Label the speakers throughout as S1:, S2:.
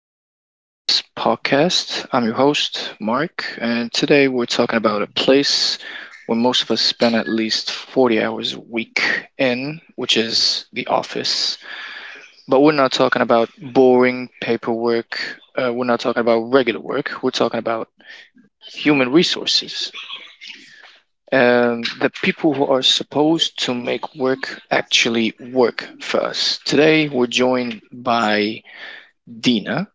S1: Progress Podcast. I'm your host, Mark, and today we're talking about a place where most of us spend at least 40 hours a week in, which is the office. But we're not talking about boring paperwork, we're not talking about regular work, we're talking about human resources. The people who are supposed to make work actually work for us. Today, we're joined by Dina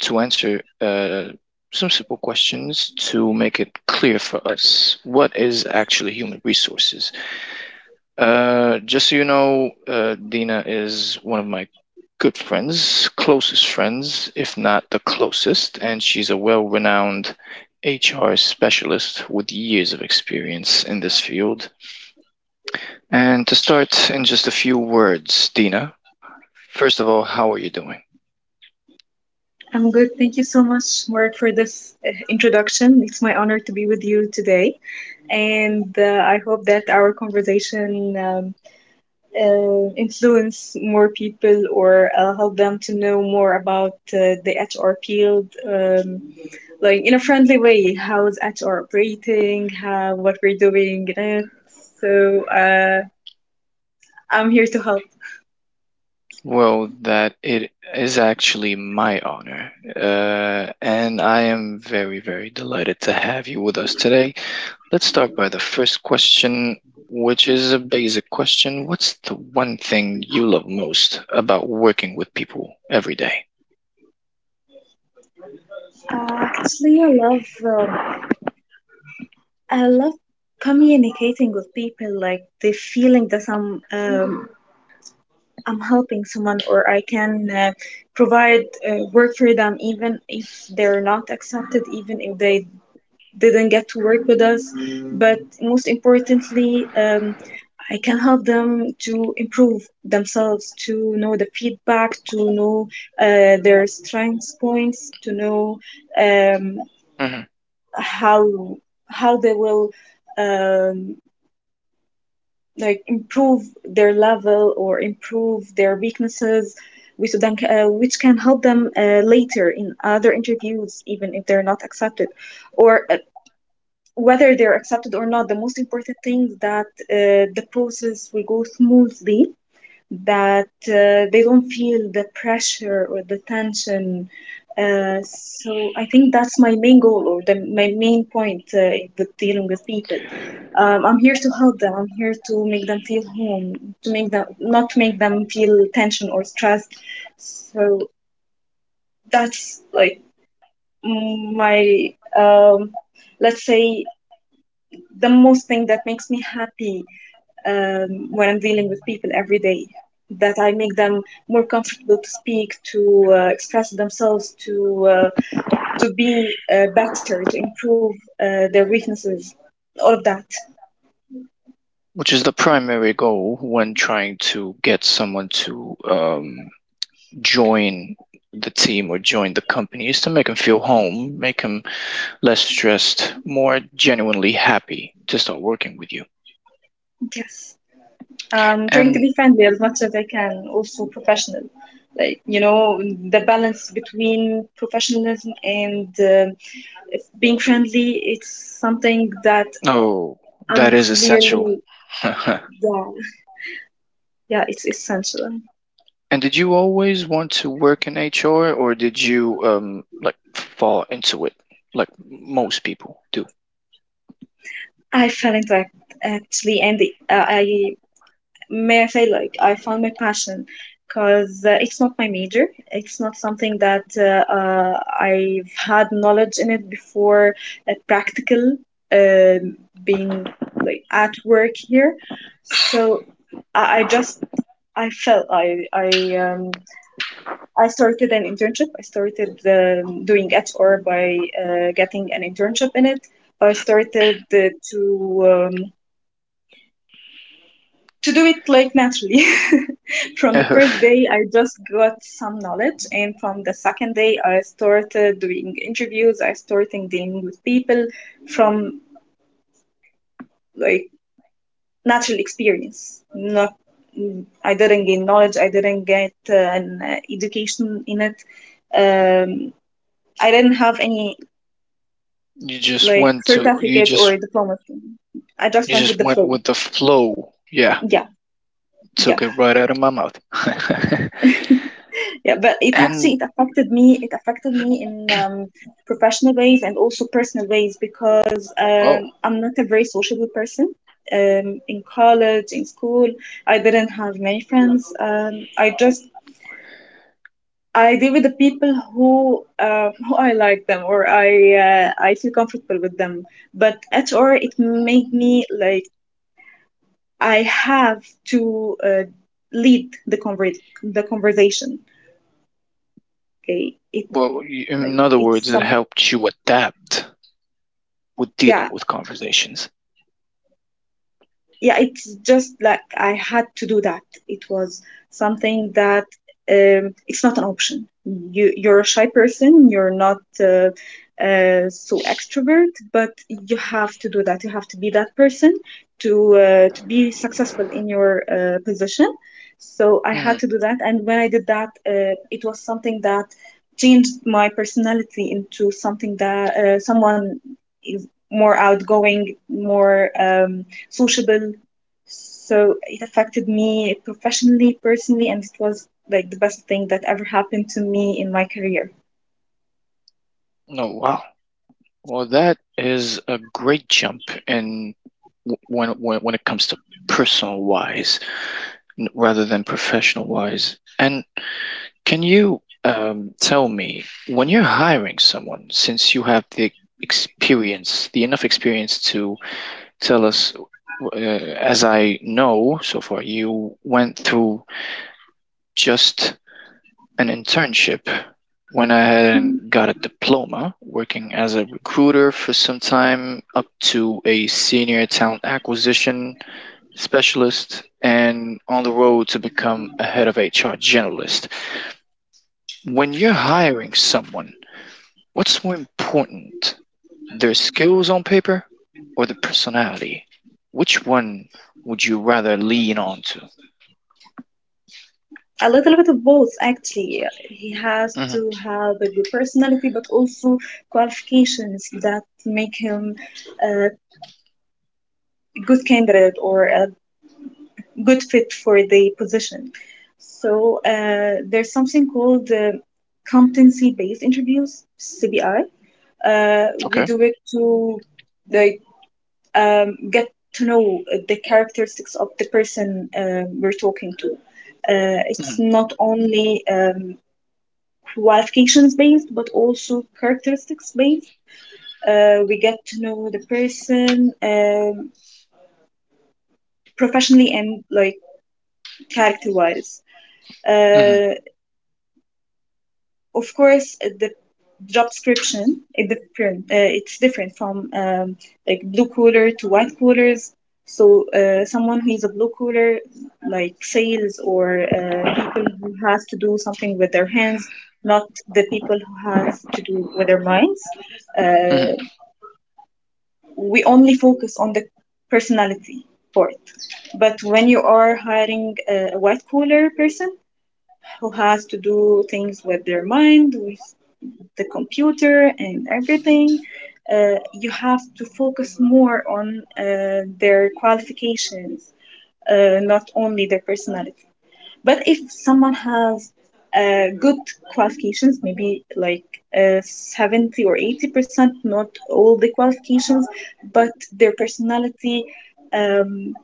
S1: to answer some simple questions to make it clear for us what is actually human resources. Just so you know, Dina is one of my good friends, closest friends, if not the closest, and she's a well renowned HR specialist with years of experience in this field. And to start in just a few words, Dina, first of all, how are you doing?
S2: I'm good. Thank you so much, Mark, for this introduction. It's my honor to be with you today, and I hope that our conversation influence more people or help them to know more about the HR field, like in a friendly way. How is HR operating? How what we're doing in it? So I'm here to help.
S1: Well, that it is actually my honor. And I am very, very delighted to have you with us today. Let's start by the first question, which is a basic question. What's the one thing you love most about working with people every day?
S2: Actually, I love communicating with people, like the feeling that I'm helping someone or I can provide work for them, even if they're not accepted, even if they didn't get to work with us. But most importantly, I can help them to improve themselves, to know the feedback, to know their strengths points, to know um,
S1: Mm-hmm.
S2: how how they will um, like improve their level or improve their weaknesses which then which can help them later in other interviews even if they're not accepted or whether they're accepted or not the most important thing is that the process will go smoothly that they don't feel the pressure or the tension. So I think that's my main goal or my main point with dealing with people. I'm here to help them. I'm here to make them feel home, to make them not to make them feel tension or stressed. So that's like my um, let's say the most thing that makes me happy when I'm dealing with people every day. That I make them more comfortable to speak, to express themselves, to be better, to improve their weaknesses, all of that.
S1: Which is the primary goal when trying to get someone to join the team or join the company is to make them feel home, make them less stressed, more genuinely happy to start working with you.
S2: Yes, I'm trying to
S1: And
S2: be friendly as much as I can, also professional. Like you know, the balance between professionalism and being friendly, it's something that
S1: oh, that
S2: I'm
S1: is essential.
S2: clearly.
S1: And
S2: Yeah, yeah, it's essential.
S1: did you always want to work in HR, or did you like fall into it like most people do?
S2: I fell into it actually, and I may I say like I found my passion because it's not my major. It's not something that I've had knowledge in it before. Practical, um being like at work here, so I just I felt I started an internship. I started doing HR by getting an internship in it. I started to To do it like naturally. From the
S1: you
S2: first day, I just got some knowledge, and from the second day, I started doing interviews. I started dealing with people from like natural experience. Not, I didn't gain knowledge. I didn't get an education in it. Um, I didn't have any
S1: just
S2: like
S1: went to you
S2: certificate
S1: just
S2: or diploma. I just
S1: you
S2: went with
S1: just
S2: the
S1: went
S2: flow.
S1: with the flow. Yeah,
S2: Yeah,
S1: took
S2: yeah.
S1: it right out of my mouth.
S2: Yeah, but it actually
S1: And
S2: it affected me. It affected me in professional ways and also personal ways because
S1: oh,
S2: I'm not a very sociable person. In college, in school, I didn't have many friends. I deal with the people who I like them or I feel comfortable with them. But HR it made me like I have to lead the the conversation. Okay, it
S1: well, in
S2: like
S1: other words,
S2: it's
S1: it
S2: some
S1: helped you adapt with dealing
S2: yeah,
S1: with conversations.
S2: yeah, it's just like I had to do that. It was something that it's not an option. You you're a shy person, you're not so extrovert, but you have to do that. You have to be that person to be successful in your position. So I had
S1: Mhm.
S2: to do that, and when I did that it was something that changed my personality into something that someone is more outgoing, more sociable. So it affected me professionally, personally, and it was like the best thing that ever happened to me in my career.
S1: No, wow. Well, that is a great jump in when it comes to personal wise, rather than professional wise. And can you tell me, when you're hiring someone, since you have the experience, the enough experience to tell us, as I know so far, you went through just an internship when I had got a diploma, working as a recruiter for some time up to a senior talent acquisition specialist and on the road to become a head of HR generalist. When you're hiring someone, what's more important, their skills on paper or their personality? Which one would you rather lean on to?
S2: A little bit of both, actually. He has
S1: Hmm.
S2: to have a good personality, but also qualifications that make him a good candidate or a good fit for the position. So there's something called competency-based interviews, CBI. We
S1: Okay.
S2: do it to like get to know the characteristics of the person we're talking to. It's
S1: Hmm.
S2: not only qualifications based, but also characteristics based. We get to know the person professionally and like character wise.
S1: Hmm.
S2: Uh, of course, the job description it's different from like blue collar to white collars. So someone who is a blue collar, like sales or people who has to do something with their hands, not the people who has to do with their minds, uh,
S1: Hmm.
S2: we only focus on the personality part. But when you are hiring a white collar person who has to do things with their mind, with the computer and everything, you have to focus more on their qualifications, not only their personality. But if someone has good qualifications, maybe like 70 or 80%, not all the qualifications, but their personality um,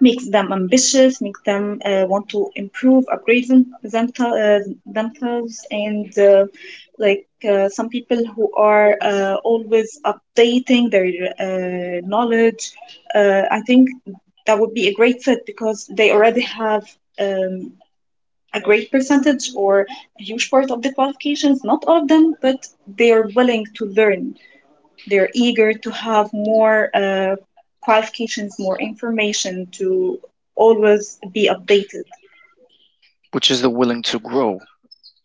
S2: makes them ambitious, makes them want to improve, upgrade themselves, and like some people who are always updating their knowledge. I think that would be a great fit because they already have um, a great percentage or a huge part of the qualifications, not all of them, but they are willing to learn. They're eager to have more qualifications, more information to always be updated.
S1: Which is the willing to grow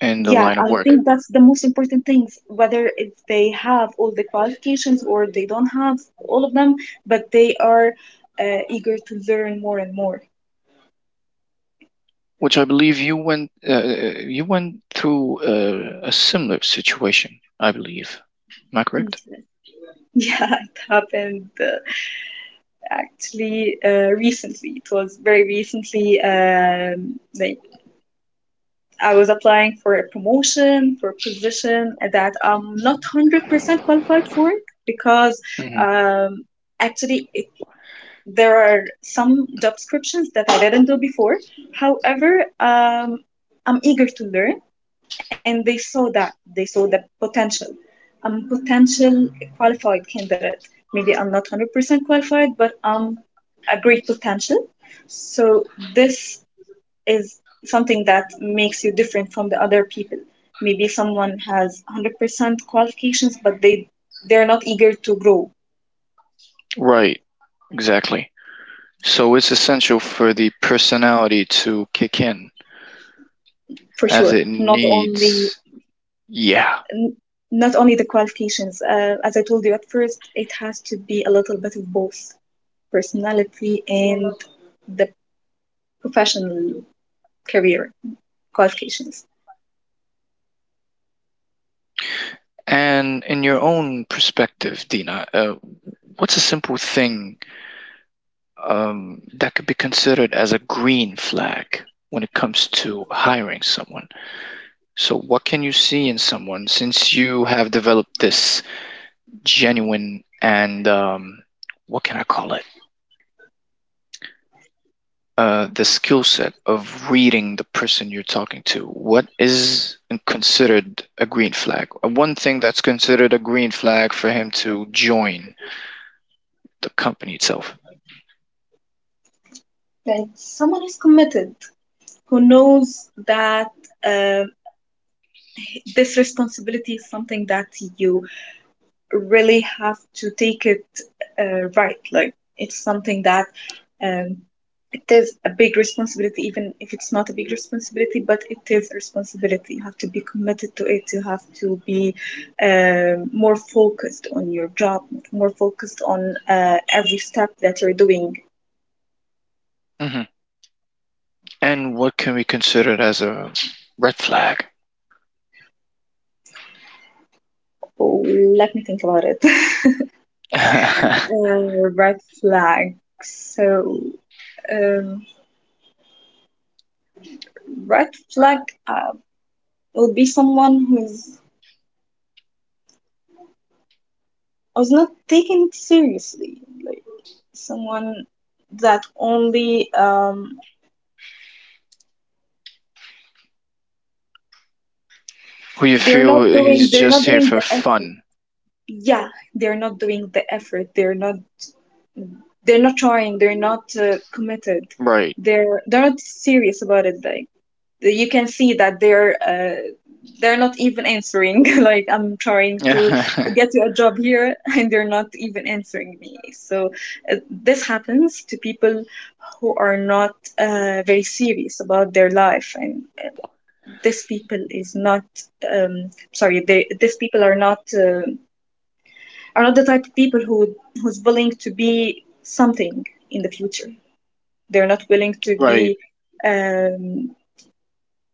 S1: in the
S2: Yeah,
S1: line of
S2: I
S1: work?
S2: think that's the most important things, whether if they have all the qualifications or they don't have all of them, but they are eager to learn more and more.
S1: Which I believe you went through a similar situation, I believe. Am I correct?
S2: Yes. Yeah, it happened actually recently. It was very recently, like I was applying for a promotion, for a position that I'm not 100% qualified for it, because
S1: Hmm.
S2: um, actually it, there are some job descriptions that I didn't do before. However, I'm eager to learn and they saw that. They saw the potential. I'm a potential qualified candidate. Maybe I'm not 100% qualified, but I'm a great potential. So this is something that makes you different from the other people. Maybe someone has 100% qualifications, but they're not eager to grow,
S1: Right, exactly. So it's essential for the personality to kick in
S2: for
S1: as
S2: sure.
S1: it
S2: Not only
S1: needs. Yeah.
S2: n- not only the qualifications. As I told you at first, it has to be a little bit of both, personality and the professional career qualifications.
S1: And in your own perspective, Dina, what's a simple thing that could be considered as a green flag when it comes to hiring someone? So, what can you see in someone since you have developed this genuine and what can I call it? The skill set of reading the person you're talking to. What is considered a green flag? One thing that's considered a green flag for him to join the company itself.
S2: Like someone who's committed, who knows that uh, this responsibility is something that you really have to take it rightly. It's something that um, it is a big responsibility, even if it's not a big responsibility, but it is a responsibility. You have to be committed to it. You have to be more focused on your job, more focused on every step that you're doing.
S1: Hmm. And what can we consider as a red flag?
S2: Oh, let me think about it. Red flag. So, um, red flag uh, will be someone who's I was not taken seriously. Like someone that only um.
S1: Who you feel he's
S2: They're
S1: just
S2: not
S1: here
S2: doing
S1: for
S2: the effort.
S1: fun.
S2: Yeah, they're not doing the effort. They're not, they're not trying, they're not committed,
S1: Right.
S2: they're not serious about it, like. You can see that they're not even answering. Like I'm trying to get you a job here, and they're not even answering me. So this happens to people who are not very serious about their life, and this people is not sorry. They, these people are not the type of people who's willing to be something in the future. They're not willing to
S1: Right.
S2: be um,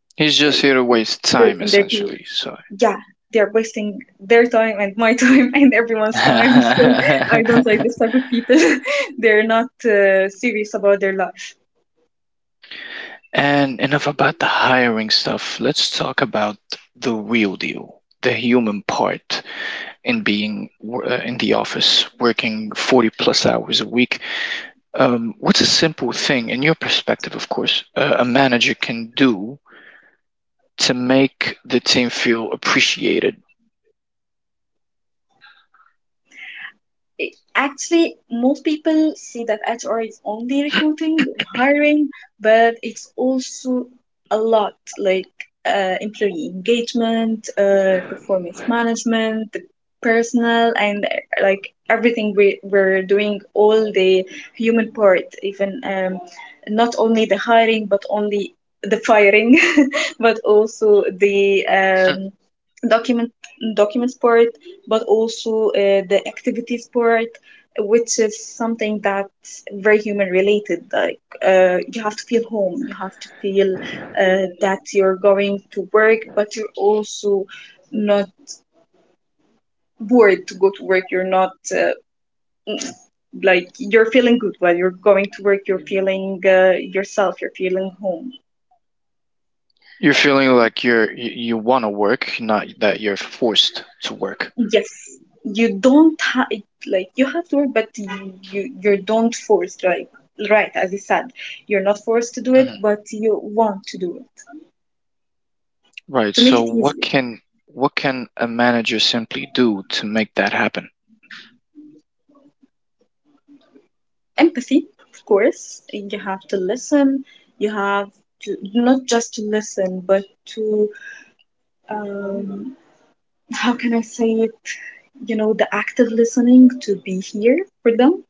S1: He's just
S2: like
S1: here to waste
S2: good
S1: time,
S2: in their career.
S1: essentially. So,
S2: Yeah, they're wasting their time and my time and everyone's time. So
S1: and
S2: I don't like this type of people. They're not serious about their life.
S1: enough about the hiring stuff. Let's talk about the real deal, the human part in being in the office, working 40 plus hours a week. What's a simple thing, in your perspective, of course, a manager can do to make the team feel appreciated?
S2: it- Actually most people see that HR is only recruiting, hiring, but it's also a lot like employee engagement, performance management, the personnel, and like everything. We're doing all the human part, even not only the hiring but only the firing but also the
S1: Mm.
S2: document documents part, but also the activities part, which is something that's very human related. Like you have to feel home, you have to feel that you're going to work, but you're also not bored to go to work. You're not like you're feeling good while you're going to work. You're feeling yourself. You're feeling home.
S1: You're feeling like you're you, you want to work, not that you're forced to work.
S2: Yes, you don't ha- like you have to work, but you don't force, like right as you said, you're not forced to do it,
S1: Hmm.
S2: but you want to do it
S1: Right.
S2: to make
S1: So
S2: it
S1: what
S2: easier.
S1: can, what can a manager simply do to make that happen?
S2: Empathy, of course, you have to listen. You have to not just to listen, but to um, how can I say it? You know, the active listening to be here for them,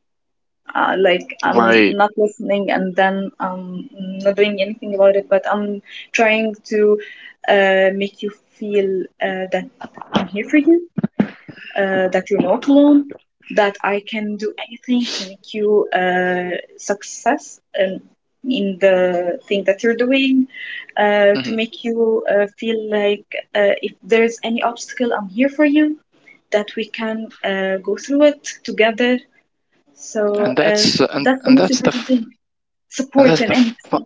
S2: like I'm
S1: Right.
S2: not listening and then I'm not doing anything about it, but I'm trying to make you feel that I'm here for you, that you're not alone, that I can do anything to make you success in the thing that you're doing, to
S1: Hmm.
S2: make you feel like if there's any obstacle, I'm here for you, that we can go through it together. So that's the
S1: And
S2: most
S1: that's the
S2: important thing.
S1: f- and
S2: Support
S1: that's
S2: and
S1: the fi-
S2: empathy.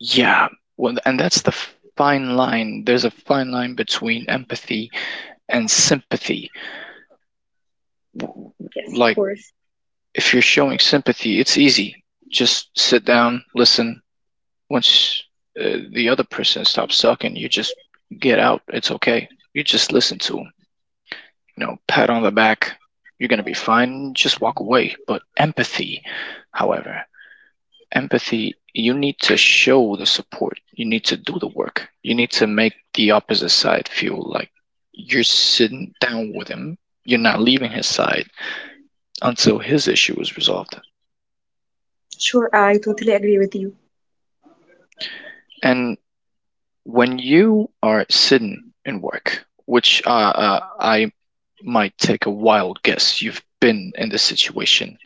S1: Yeah. Well, and that's the fine line. There's a fine line between empathy and sympathy.
S2: Yes, of
S1: Like
S2: course.
S1: if you're showing sympathy, it's easy. Just sit down, listen. Once the other person stops talking, you just get out. It's okay. You just listen to 'em. You know, pat on the back, you're going to be fine, just walk away. However, empathy, you need to show the support. You need to do the work. You need to make the opposite side feel like you're sitting down with him. You're not leaving his side until his issue is resolved.
S2: Sure, I totally agree with you.
S1: And when you are sitting in work, which I might take a wild guess you've been in this situation,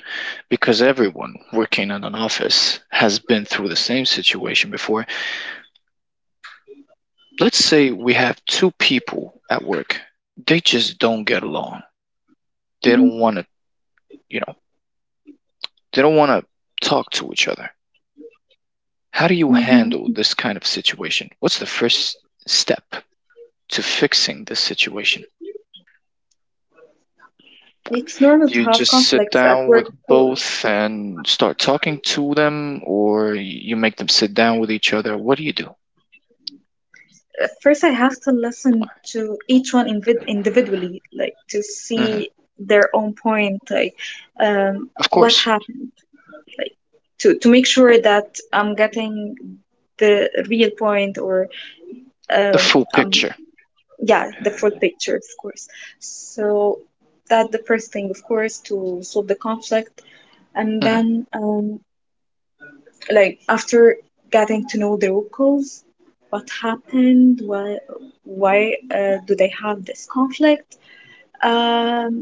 S1: because everyone working in an office has been through the same situation before. Let's say we have two people at work, they
S2: Hmm.
S1: just don't get along. They don't want to, you know, they don't want to talk to each other. How do you
S2: Hmm.
S1: handle this kind of situation? What's the first step to fixing this situation?
S2: It's normal to
S1: You
S2: have
S1: just sit
S2: conflicts at
S1: down with
S2: work, of course.
S1: both and start talking to them, or you make them sit down with each other? What do you do?
S2: At first, I have to listen to each one individually, like to
S1: Hmm.
S2: see their own point, like, um,
S1: Of
S2: what
S1: course,
S2: happened, like to make sure that I'm getting the real point, or
S1: the full
S2: I'm,
S1: picture.
S2: yeah, the full picture, of course. So that the first thing, of course, to solve the conflict. And
S1: Hmm.
S2: then, like after getting to know the root cause, what happened, why do they have this conflict. um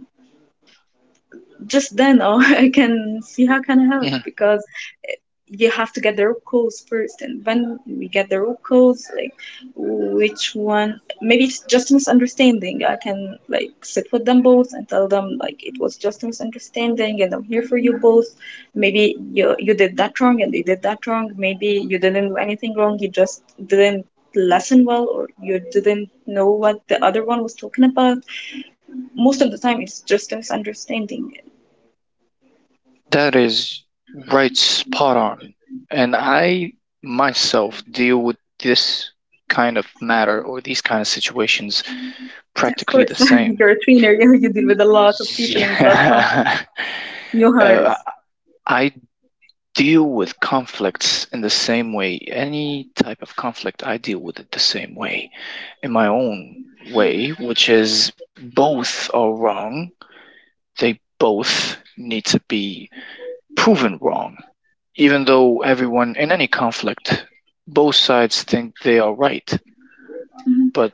S2: just then, oh, I can see how can I help.
S1: Hmm.
S2: Because eh, you have to get the rope calls first, and when we get the rope calls, like, which one? Maybe it's just a misunderstanding. I can like sit with them both and tell them like it was just a misunderstanding, and I'm here for you both. Maybe you did that wrong and they did that wrong. Maybe you didn't do anything wrong, you just didn't lesson well, or you didn't know what the other one was talking about. Most of the time it's just a misunderstanding.
S1: That is right spot on. And I myself deal with this kind of matter or these kind of situations
S2: Yeah, of
S1: practically
S2: course.
S1: the same.
S2: You're a trainer. You deal with a lot of people and a lot of conflicts.
S1: Yeah.
S2: New
S1: Uh,
S2: hires.
S1: I deal with conflicts in the same way. Any type of conflict, I deal with it the same way in my own way, which is both are wrong. They both need to be proven wrong, even though everyone in any conflict, both sides think they are right. But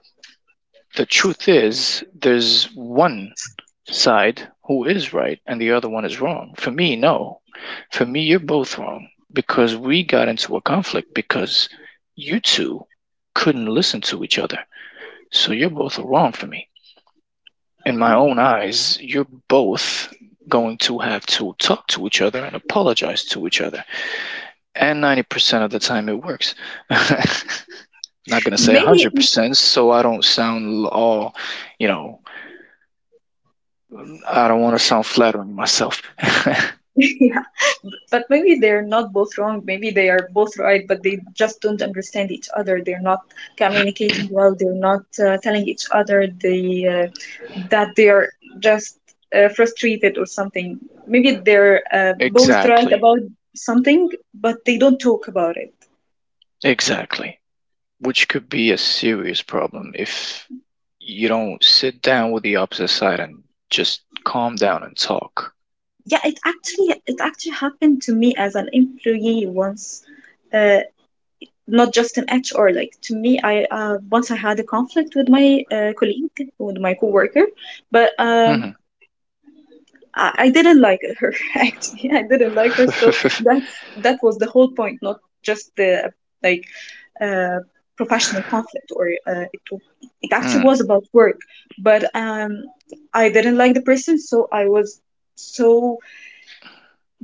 S1: the truth is, there's one side who is right and the other one is wrong. For me, no. For me, you're both wrong because we got into a conflict because you two couldn't listen to each other. So you're both wrong for me. In my own eyes, you're both going to have to talk to each other and apologize to each other. And 90% of the time it works. Not going to say
S2: Maybe,
S1: 100%, so I don't sound all, you know, I don't want to sound flattering myself.
S2: yeah, but maybe they're not both wrong. Maybe they are both right, but they just don't understand each other. They're not communicating well. They're not telling each other they, that they are just frustrated or something. Maybe they're both right
S1: Exactly.
S2: about something, but they don't talk about it.
S1: Exactly. Which could be a serious problem if you don't sit down with the opposite side and just calm down and talk.
S2: Yeah, it actually happened to me as an employee once, uh, not just an HR. Like to me, I once I had a conflict with my colleague, with my coworker, but
S1: Hmm.
S2: I didn't like her. Actually, I didn't like her. So that was the whole point, not just the like uh, professional conflict, or it
S1: Mm,
S2: actually was about work. But I didn't like the person, so I was so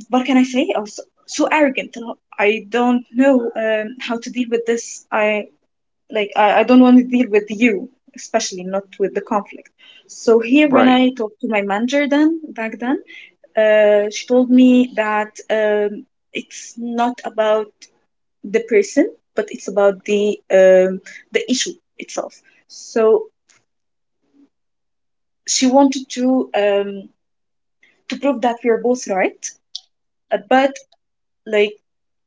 S2: what can I say? I was so arrogant. I don't know how to deal with this. I like I don't want to deal with you, especially not with the conflict. So here when
S1: right.
S2: I talked to my manager then, back then, she told me that it's not about the person, but it's about the issue itself. So she wanted to prove that we are both right, but, like,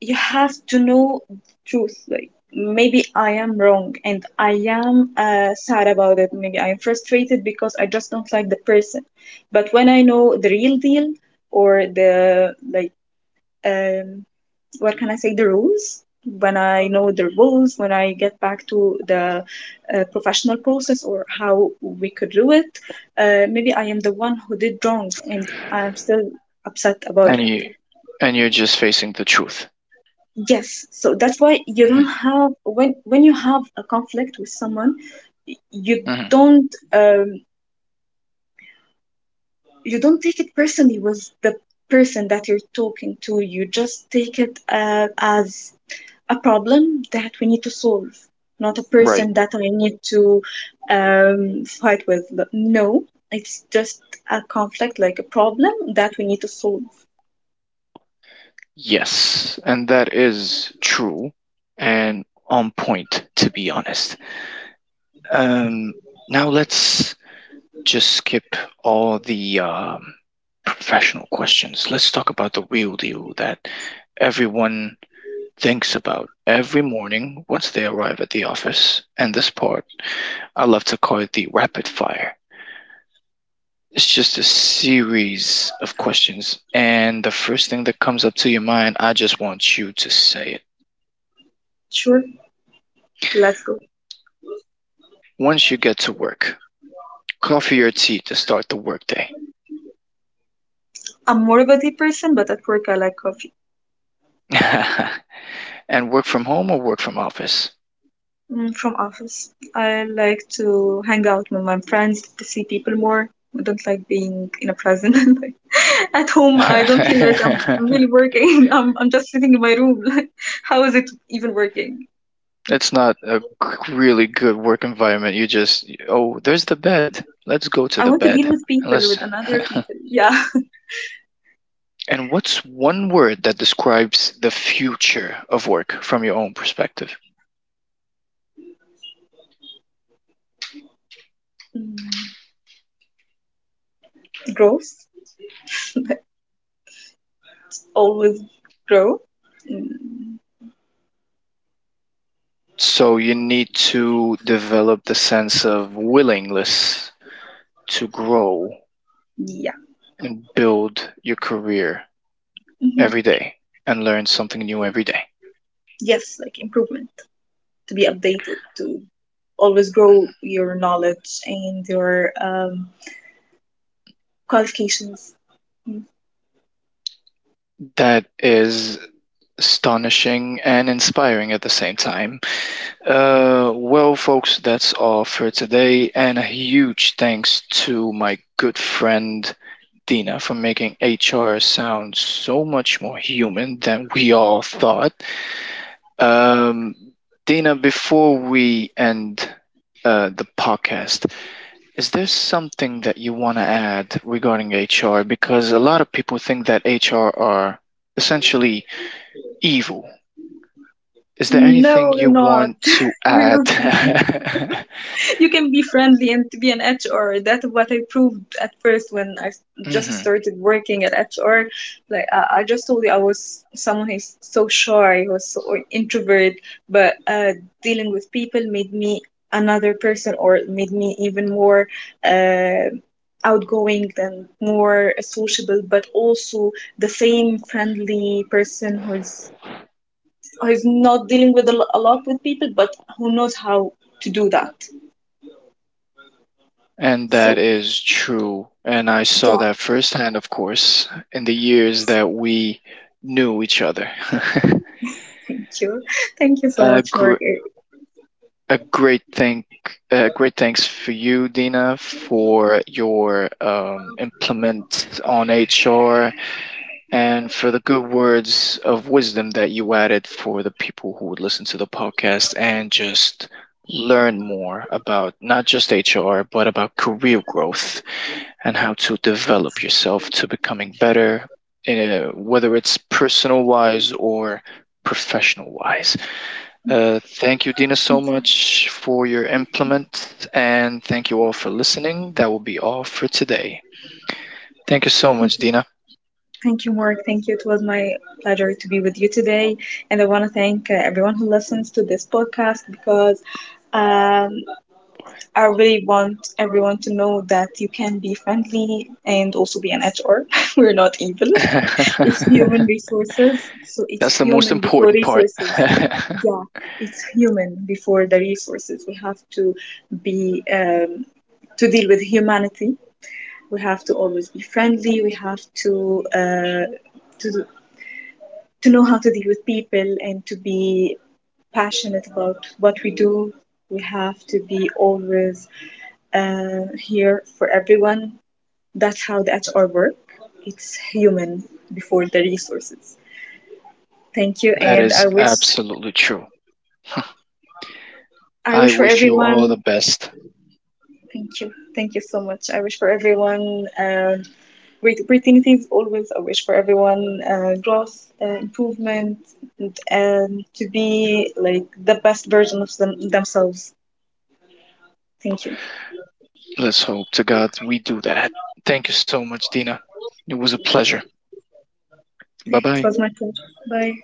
S2: you have to know the truth. Like, maybe I am wrong and I am sad about it. Maybe I am frustrated because I just don't like the person. But when I know the real deal, or the, like, um what can I say, the rules, when I know the rules, when I get back to the professional process, or how we could do it, maybe I am the one who did wrong and I'm still upset about
S1: And
S2: it.
S1: you, and you're just facing the truth.
S2: Yes, so that's why you don't
S1: Hmm.
S2: have, when you have a conflict with someone, y- you
S1: Hmm.
S2: don't um you don't take it personally with the person that you're talking to. You just take it as a problem that we need to solve, not a
S1: Right.
S2: person that I need to fight with. But no, it's just a conflict, like a problem that we need to solve.
S1: Yes. And that is true and on point, to be honest. Um Now let's just skip all the professional questions. Let's talk about the wheel deal that everyone thinks about every morning once they arrive at the office. And this part, I love to call it the rapid fire. It's just a series of questions. And the first thing that comes up to your mind, I just want you to say it.
S2: Sure, let's go.
S1: Once you get to work, coffee or tea to start the workday?
S2: I'm more of a deep person, but at work I like conflict.
S1: And work from home or work from office?
S2: Mm, from office. I like to hang out with my friends, to see people more. I don't like being in a prison. Like, at home, I don't feel like I'm really working. I'm just sitting in my room. Like, how is it even working?
S1: It's not a really good work environment. You just, oh, there's the bed. Let's go to
S2: I
S1: the
S2: want to deal
S1: bed.
S2: with
S1: And
S2: people,
S1: let's.
S2: with another people. Yeah.
S1: And what's one word that describes the future of work from your own perspective?
S2: Mm, growth. Always grow. Mm,
S1: So you need to develop the sense of willingness to grow
S2: yeah.
S1: and build your career
S2: Hmm.
S1: every day and learn something new every day.
S2: Yes, like improvement. To be updated. To always grow your knowledge and your um, qualifications. No,
S1: That is astonishing and inspiring at the same time. Well, folks, that's all for today. And a huge thanks to my good friend Dina for making HR sound so much more human than we all thought. Um, Dina, before we end the podcast, is there something that you want to add regarding HR? Because a lot of people think that HR are essentially evil. Is there anything
S2: we're
S1: you
S2: not.
S1: want to
S2: We're
S1: add?
S2: not. You can be friendly and to be an HR. That's what I proved at first when I just
S1: Hmm.
S2: started working at HR. Like I just told you, I was someone who's so shy, who was so introvert, but dealing with people made me another person, or made me even more uh, outgoing and more sociable, but also the same friendly person who's who's not dealing with a lot with people, but who knows how to do that.
S1: And that
S2: So
S1: is true. And I saw
S2: yeah,
S1: that firsthand, of course, in the years that we knew each other.
S2: thank you. Thank you so
S1: a,
S2: much,
S1: gr-
S2: Mark.
S1: a great thanks for you, Dina, for your implement on HR and for the good words of wisdom that you added for the people who would listen to the podcast and just learn more about not just HR, but about career growth, and how to develop yourself to becoming better, whether it's personal wise or professional wise. Thank you, Dina, so much for your implement, and thank you all for listening. That will be all for today. Thank you so much,
S2: Thank you.
S1: Dina.
S2: Thank you, Mark. Thank you. It was my pleasure to be with you today. And I want to thank everyone who listens to this podcast, because um, I really want everyone to know that you can be friendly and also be an HR. We're not evil. It's human
S1: That's
S2: resources, so it's
S1: the most
S2: human before
S1: important part.
S2: resources.
S1: That
S2: Yeah, it's human before the resources. We have to be to deal with humanity. We have to always be friendly. We have to to to know how to deal with people, and to be passionate about what we do. We have to be always here for everyone. That's how the HR work. It's human before the resources. Thank you, and I
S1: is
S2: wish,
S1: absolutely true.
S2: I
S1: I
S2: wish for
S1: wish you all the
S2: everyone.
S1: best.
S2: Thank you so much. I wish for everyone great opportunities. Always, I wish for everyone growth, improvement, and to be like the best version of themselves. Thank you.
S1: Let's hope to God we do that. Thank you so much, Dina. It was a pleasure. Bye
S2: It
S1: bye.
S2: was my pleasure. Bye.